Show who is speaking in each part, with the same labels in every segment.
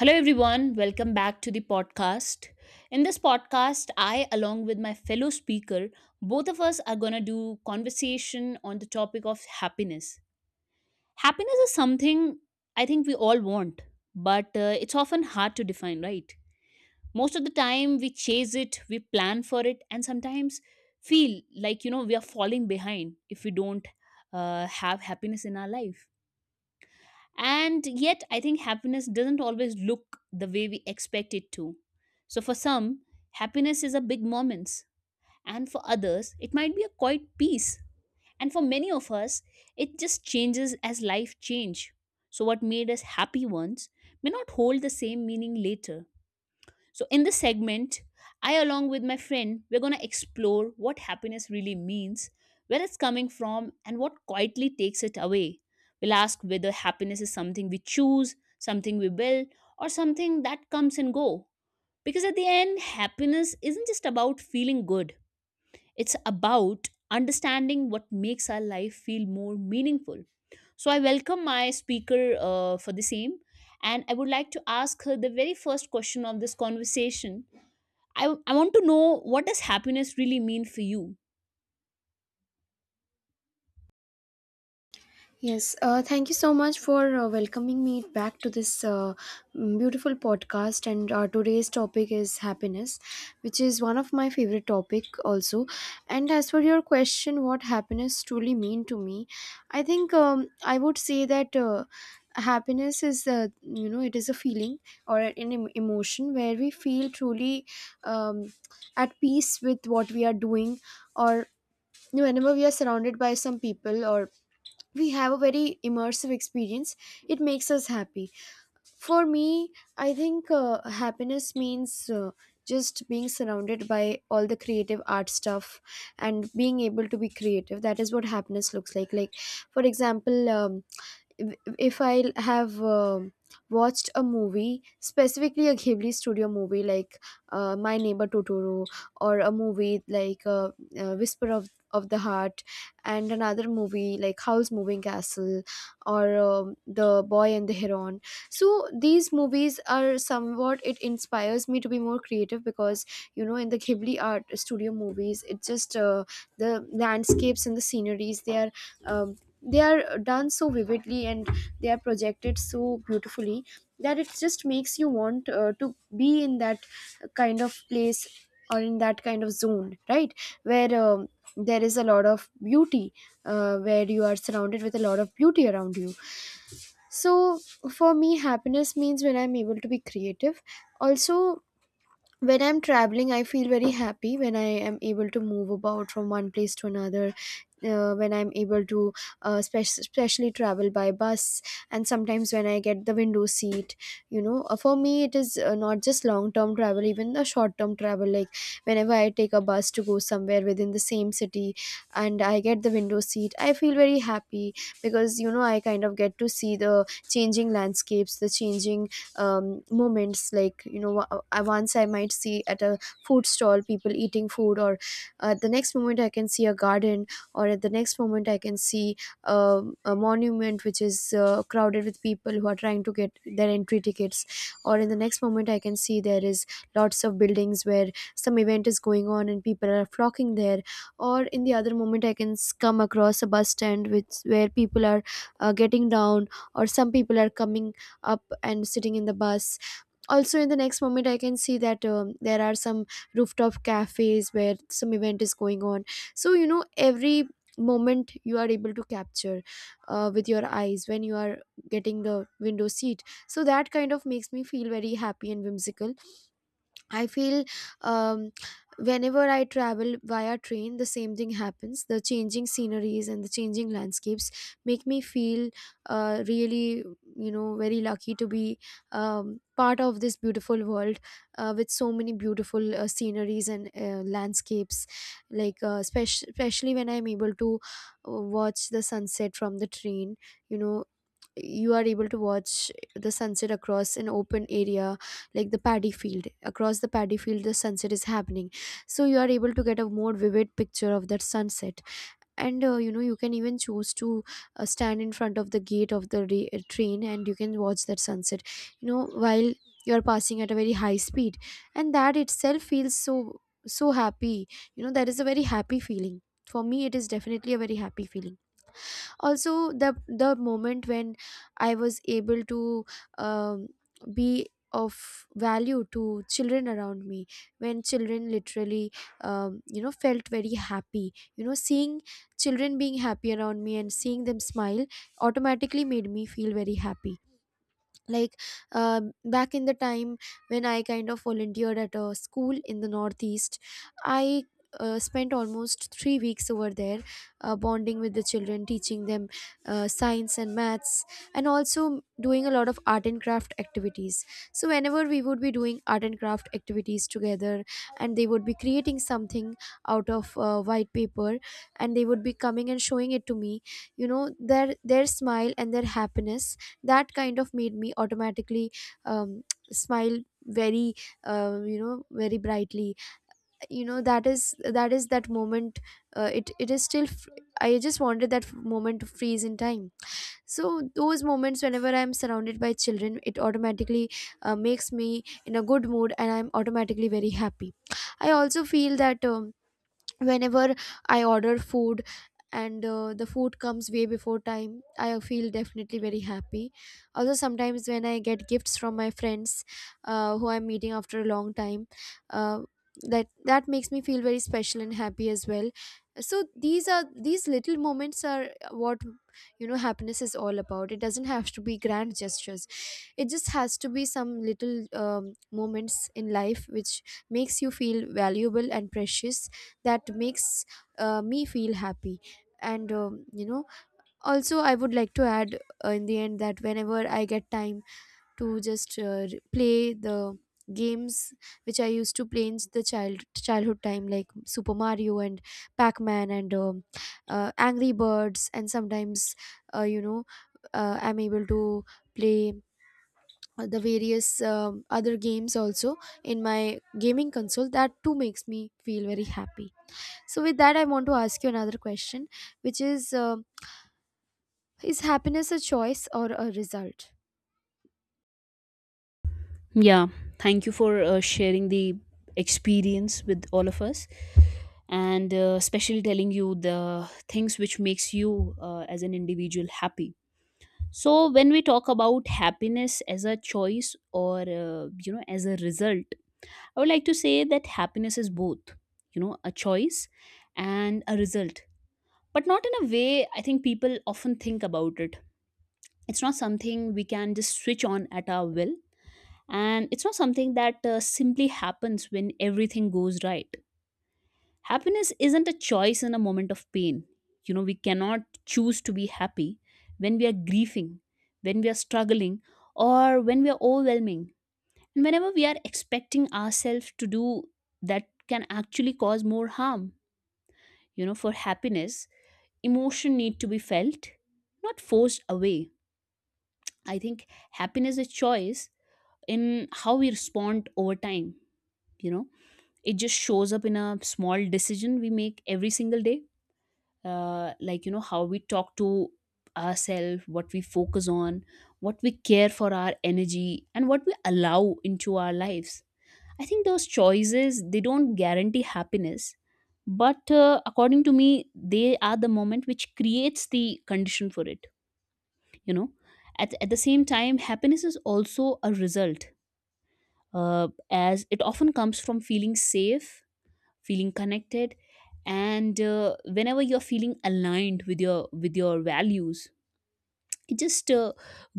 Speaker 1: Hello, everyone. Welcome back to the podcast. In this podcast, I, along with my fellow speaker, both of us are going to do conversation on the topic of happiness. Happiness is something I think we all want, but it's often hard to define, right? Most of the time, we chase it, we plan for it, and sometimes feel like, you know, we are falling behind if we don't have happiness in our life and yet, I think happiness doesn't always look the way we expect it to. So, for some, happiness is a big moments, and for others, it might be a quiet peace. And for many of us, it just changes as life change. So, what made us happy once may not hold the same meaning later. So, in this segment, I, along with my friend, we're going to explore what happiness really means, where it's coming from, and what quietly takes it away. We'll ask whether happiness is something we choose, something we build, or something that comes and go. Because at the end, happiness isn't just about feeling good, it's about understanding what makes our life feel more meaningful. So, I welcome my speaker for the same, and I would like to ask her the very first question of this conversation. I want to know, what does happiness really mean for you?
Speaker 2: Yes, thank you so much for welcoming me back to this beautiful podcast. And today's topic is happiness, which is one of my favorite topic also. And as for your question, what happiness truly mean to me, I think I would say that happiness is it is a feeling or emotion where we feel truly, um, at peace with what we are doing, or whenever we are surrounded by some people, or we have a very immersive experience. It makes us happy. For me, I think happiness means just being surrounded by all the creative art stuff and being able to be creative. That is what happiness looks like, for example. If I have watched a movie, specifically a Ghibli studio movie like My Neighbor Totoro, or a movie like Whisper of the Heart, and another movie like Howl's Moving Castle, or The Boy and the Heron. So these movies are somewhat, it inspires me to be more creative because, you know, in the Ghibli art studio movies, it just, the landscapes and the sceneries, they are, um, they are done so vividly and they are projected so beautifully that it just makes you want to be in that kind of place or in that kind of zone, right? Where, there is a lot of beauty, where you are surrounded with a lot of beauty around you. So for me, happiness means when I'm able to be creative. Also, when I'm traveling, I feel very happy when I am able to move about from one place to another, when I'm able to especially travel by bus. And sometimes when I get the window seat, you know. For me, it is not just long term travel, even the short term travel, like whenever I take a bus to go somewhere within the same city and I get the window seat, I feel very happy, because, you know, I kind of get to see the changing landscapes, the changing, moments, like, you know, once I might see at a food stall people eating food, or the next moment I can see a garden, or at the next moment I can see a monument which is crowded with people who are trying to get their entry tickets, or in the next moment I can see there is lots of buildings where some event is going on and people are flocking there, or in the other moment I can come across a bus stand which where people are getting down, or some people are coming up and sitting in the bus. Also in the next moment I can see that, there are some rooftop cafes where some event is going on. So, you know, every moment you are able to capture with your eyes when you are getting the window seat. So that kind of makes me feel very happy and whimsical, I feel. um, Whenever I travel via train, the same thing happens. The changing sceneries and the changing landscapes make me feel really, you know, very lucky to be, part of this beautiful world with so many beautiful sceneries and landscapes. Like, especially when I'm able to watch the sunset from the train, you know, you are able to watch the sunset across an open area, like the paddy field. Across the paddy field the sunset is happening, so you are able to get a more vivid picture of that sunset. And you know, you can even choose to stand in front of the gate of the train and you can watch that sunset, you know, while you are passing at a very high speed. And that itself feels so so happy, you know. That is a very happy feeling. For me it is definitely a very happy feeling. Also the moment when I was able to, um, be of value to children around me, when children literally, you know, felt very happy. You know, seeing children being happy around me and seeing them smile automatically made me feel very happy. Like, back in the time when I kind of volunteered at a school in the northeast, I spent almost 3 weeks over there bonding with the children, teaching them science and maths, and also doing a lot of art and craft activities. So whenever we would be doing art and craft activities together and they would be creating something out of white paper, and they would be coming and showing it to me, you know, their smile and their happiness, that kind of made me automatically, um, smile very you know, very brightly. You know, that is, that moment, it is still I just wanted that moment to freeze in time. So those moments, whenever I'm surrounded by children, it automatically makes me in a good mood and I'm automatically very happy. I also feel that, whenever I order food and the food comes way before time, I feel definitely very happy. Also sometimes when I get gifts from my friends who I'm meeting after a long time, uh, that makes me feel very special and happy as well. So these are, these little moments are what, you know, happiness is all about. It doesn't have to be grand gestures. It just has to be some little, um, moments in life which makes you feel valuable and precious. That makes me feel happy. And, you know, also I would like to add in the end that whenever I get time to just play the games which I used to play in the childhood time, like Super Mario and Pac-Man, and Angry Birds, and sometimes, you know, I'm able to play the various other games also in my gaming console. That too makes me feel very happy. So, with that, I want to ask you another question, which is, is happiness a choice or a result?
Speaker 1: Yeah, thank you for sharing the experience with all of us and especially telling you the things which makes you as an individual happy. So when we talk about happiness as a choice or you know, as a result, I would like to say that happiness is both, you know, a choice and a result. But not in a way I think people often think about it. It's not something we can just switch on at our will. And it's not something that simply happens when everything goes right. Happiness isn't a choice in a moment of pain. You know, we cannot choose to be happy when we are grieving, when we are struggling, or when we are overwhelming. And whenever we are expecting ourselves to do that can actually cause more harm. You know, for happiness, emotion need to be felt, not forced away. I think happiness is a choice in how we respond over time. You know, it just shows up in a small decision we make every single day, like, you know, how we talk to ourselves, what we focus on, what we care for our energy, and what we allow into our lives. I think those choices, they don't guarantee happiness, but according to me, they are the moment which creates the condition for it. You know, at the same time, happiness is also a result, as it often comes from feeling safe, feeling connected, and whenever you're feeling aligned with your values, it just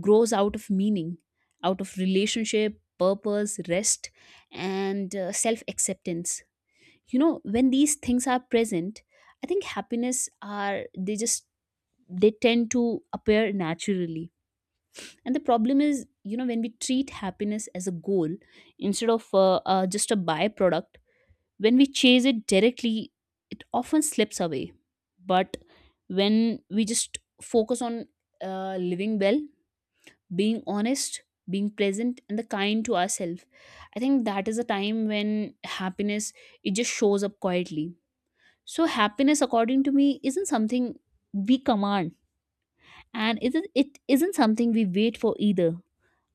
Speaker 1: grows out of meaning, out of relationship, purpose, rest, and self acceptance. You know, when these things are present, I think happiness are, they just, they tend to appear naturally. And the problem is, you know, when we treat happiness as a goal instead of just a byproduct, when we chase it directly, it often slips away. But when we just focus on living well, being honest, being present, and the kind to ourselves, I think that is a time when happiness, it just shows up quietly. So happiness, according to me, isn't something we command, and it isn't something we wait for either.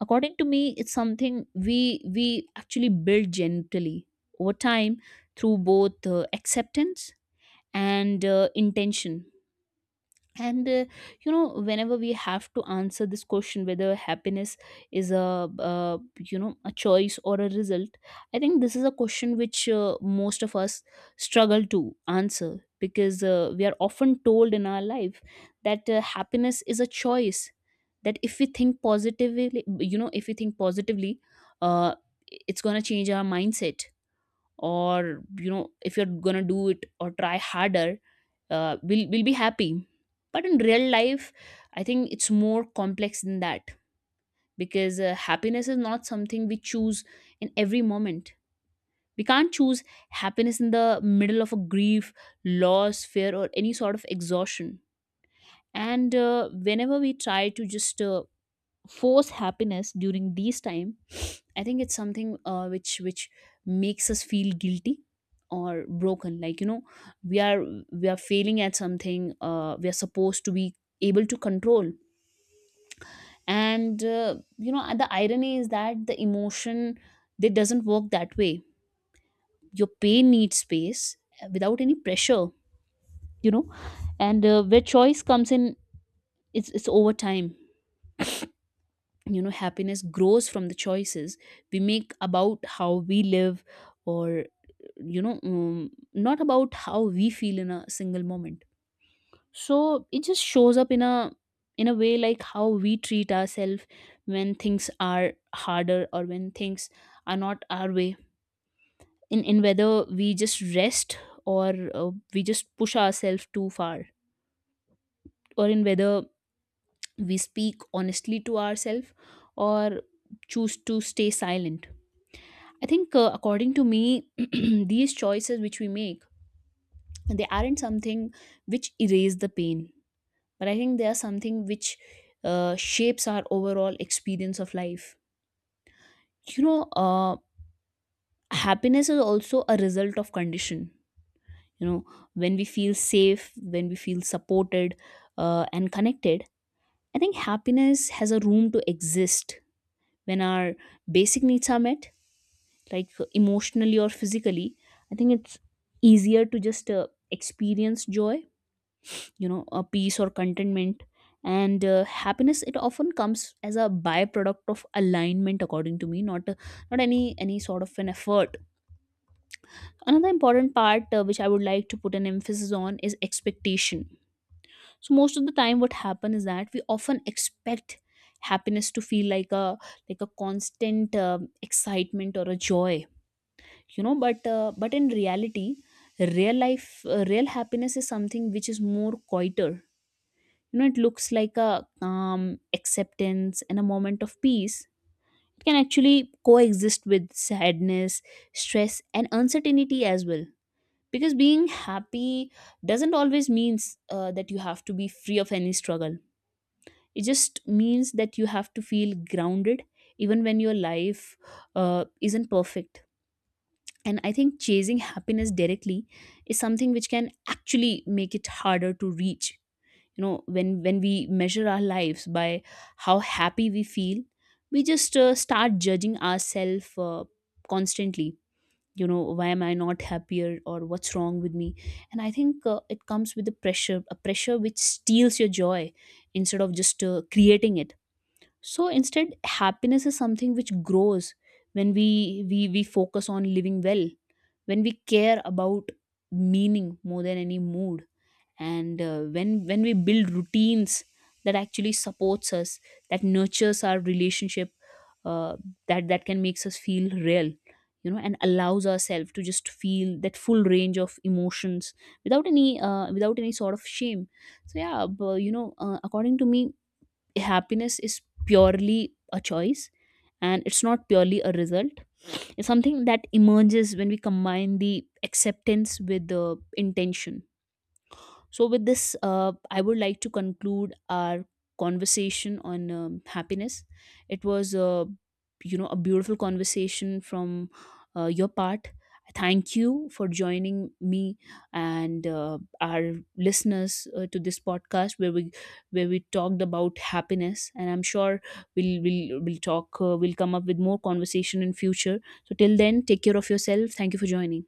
Speaker 1: According to me, it's something we actually build gently over time through both acceptance and intention. And you know, whenever we have to answer this question whether happiness is a you know, a choice or a result, I think this is a question which most of us struggle to answer, because we are often told in our life that happiness is a choice, that if we think positively, you know, if we think positively, uh, it's going to change our mindset, or you know, if you're gonna do it or try harder, we'll be happy. But in real life, I think it's more complex than that, because happiness is not something we choose in every moment. We can't choose happiness in the middle of a grief, loss, fear, or any sort of exhaustion. And whenever we try to just force happiness during these time, I think it's something which makes us feel guilty or broken. Like, you know, we are we are failing at something. We are supposed to be able to control. And you know, the irony is that the emotion, they doesn't work that way. Your pain needs space without any pressure. You know, and where choice comes in, it's over time. You know, happiness grows from the choices we make about how we live, or you know, not about how we feel in a single moment. So it just shows up in a, in a way like how we treat ourselves when things are harder, or when things are not our way, in whether we just rest or we just push ourselves too far, or in whether we speak honestly to ourselves or choose to stay silent. I think, according to me, these choices which we make, they aren't something which erase the pain, but I think they are something which shapes our overall experience of life. You know, happiness is also a result of condition. You know, when we feel safe, when we feel supported and connected, I think happiness has a room to exist. When our basic needs are met, like emotionally or physically, I think it's easier to just experience joy, you know, a peace or contentment. And happiness, it often comes as a byproduct of alignment, according to me, not any sort of an effort. Another important part which I would like to put an emphasis on is expectation. So most of the time what happen is that we often expect happiness to feel like a, like a constant excitement or a joy. You know, but in reality, real life, real happiness is something which is more quieter. You know, it looks like a calm acceptance and a moment of peace. It can actually coexist with sadness, stress, and uncertainty as well, because being happy doesn't always means that you have to be free of any struggle. It just means that you have to feel grounded even when your life isn't perfect. And I think chasing happiness directly is something which can actually make it harder to reach. You know, when we measure our lives by how happy we feel, we just start judging ourselves constantly. You know, why am I not happier, or what's wrong with me? And I think it comes with the pressure, a pressure which steals your joy instead of just creating it. So instead, happiness is something which grows when we focus on living well, when we care about meaning more than any mood, and when we build routines that actually supports us, that nurtures our relationship, uh, that that can makes us feel real, you know, and allows ourselves to just feel that full range of emotions without any without any sort of shame. So yeah, but you know, according to me, happiness is purely a choice and it's not purely a result. It's something that emerges when we combine the acceptance with the intention. So, with this, I would like to conclude our conversation on happiness. It was, you know, a beautiful conversation from your part. Thank you for joining me and our listeners to this podcast where we talked about happiness. And I'm sure we'll come up with more conversation in future. So till then, take care of yourself. Thank you for joining.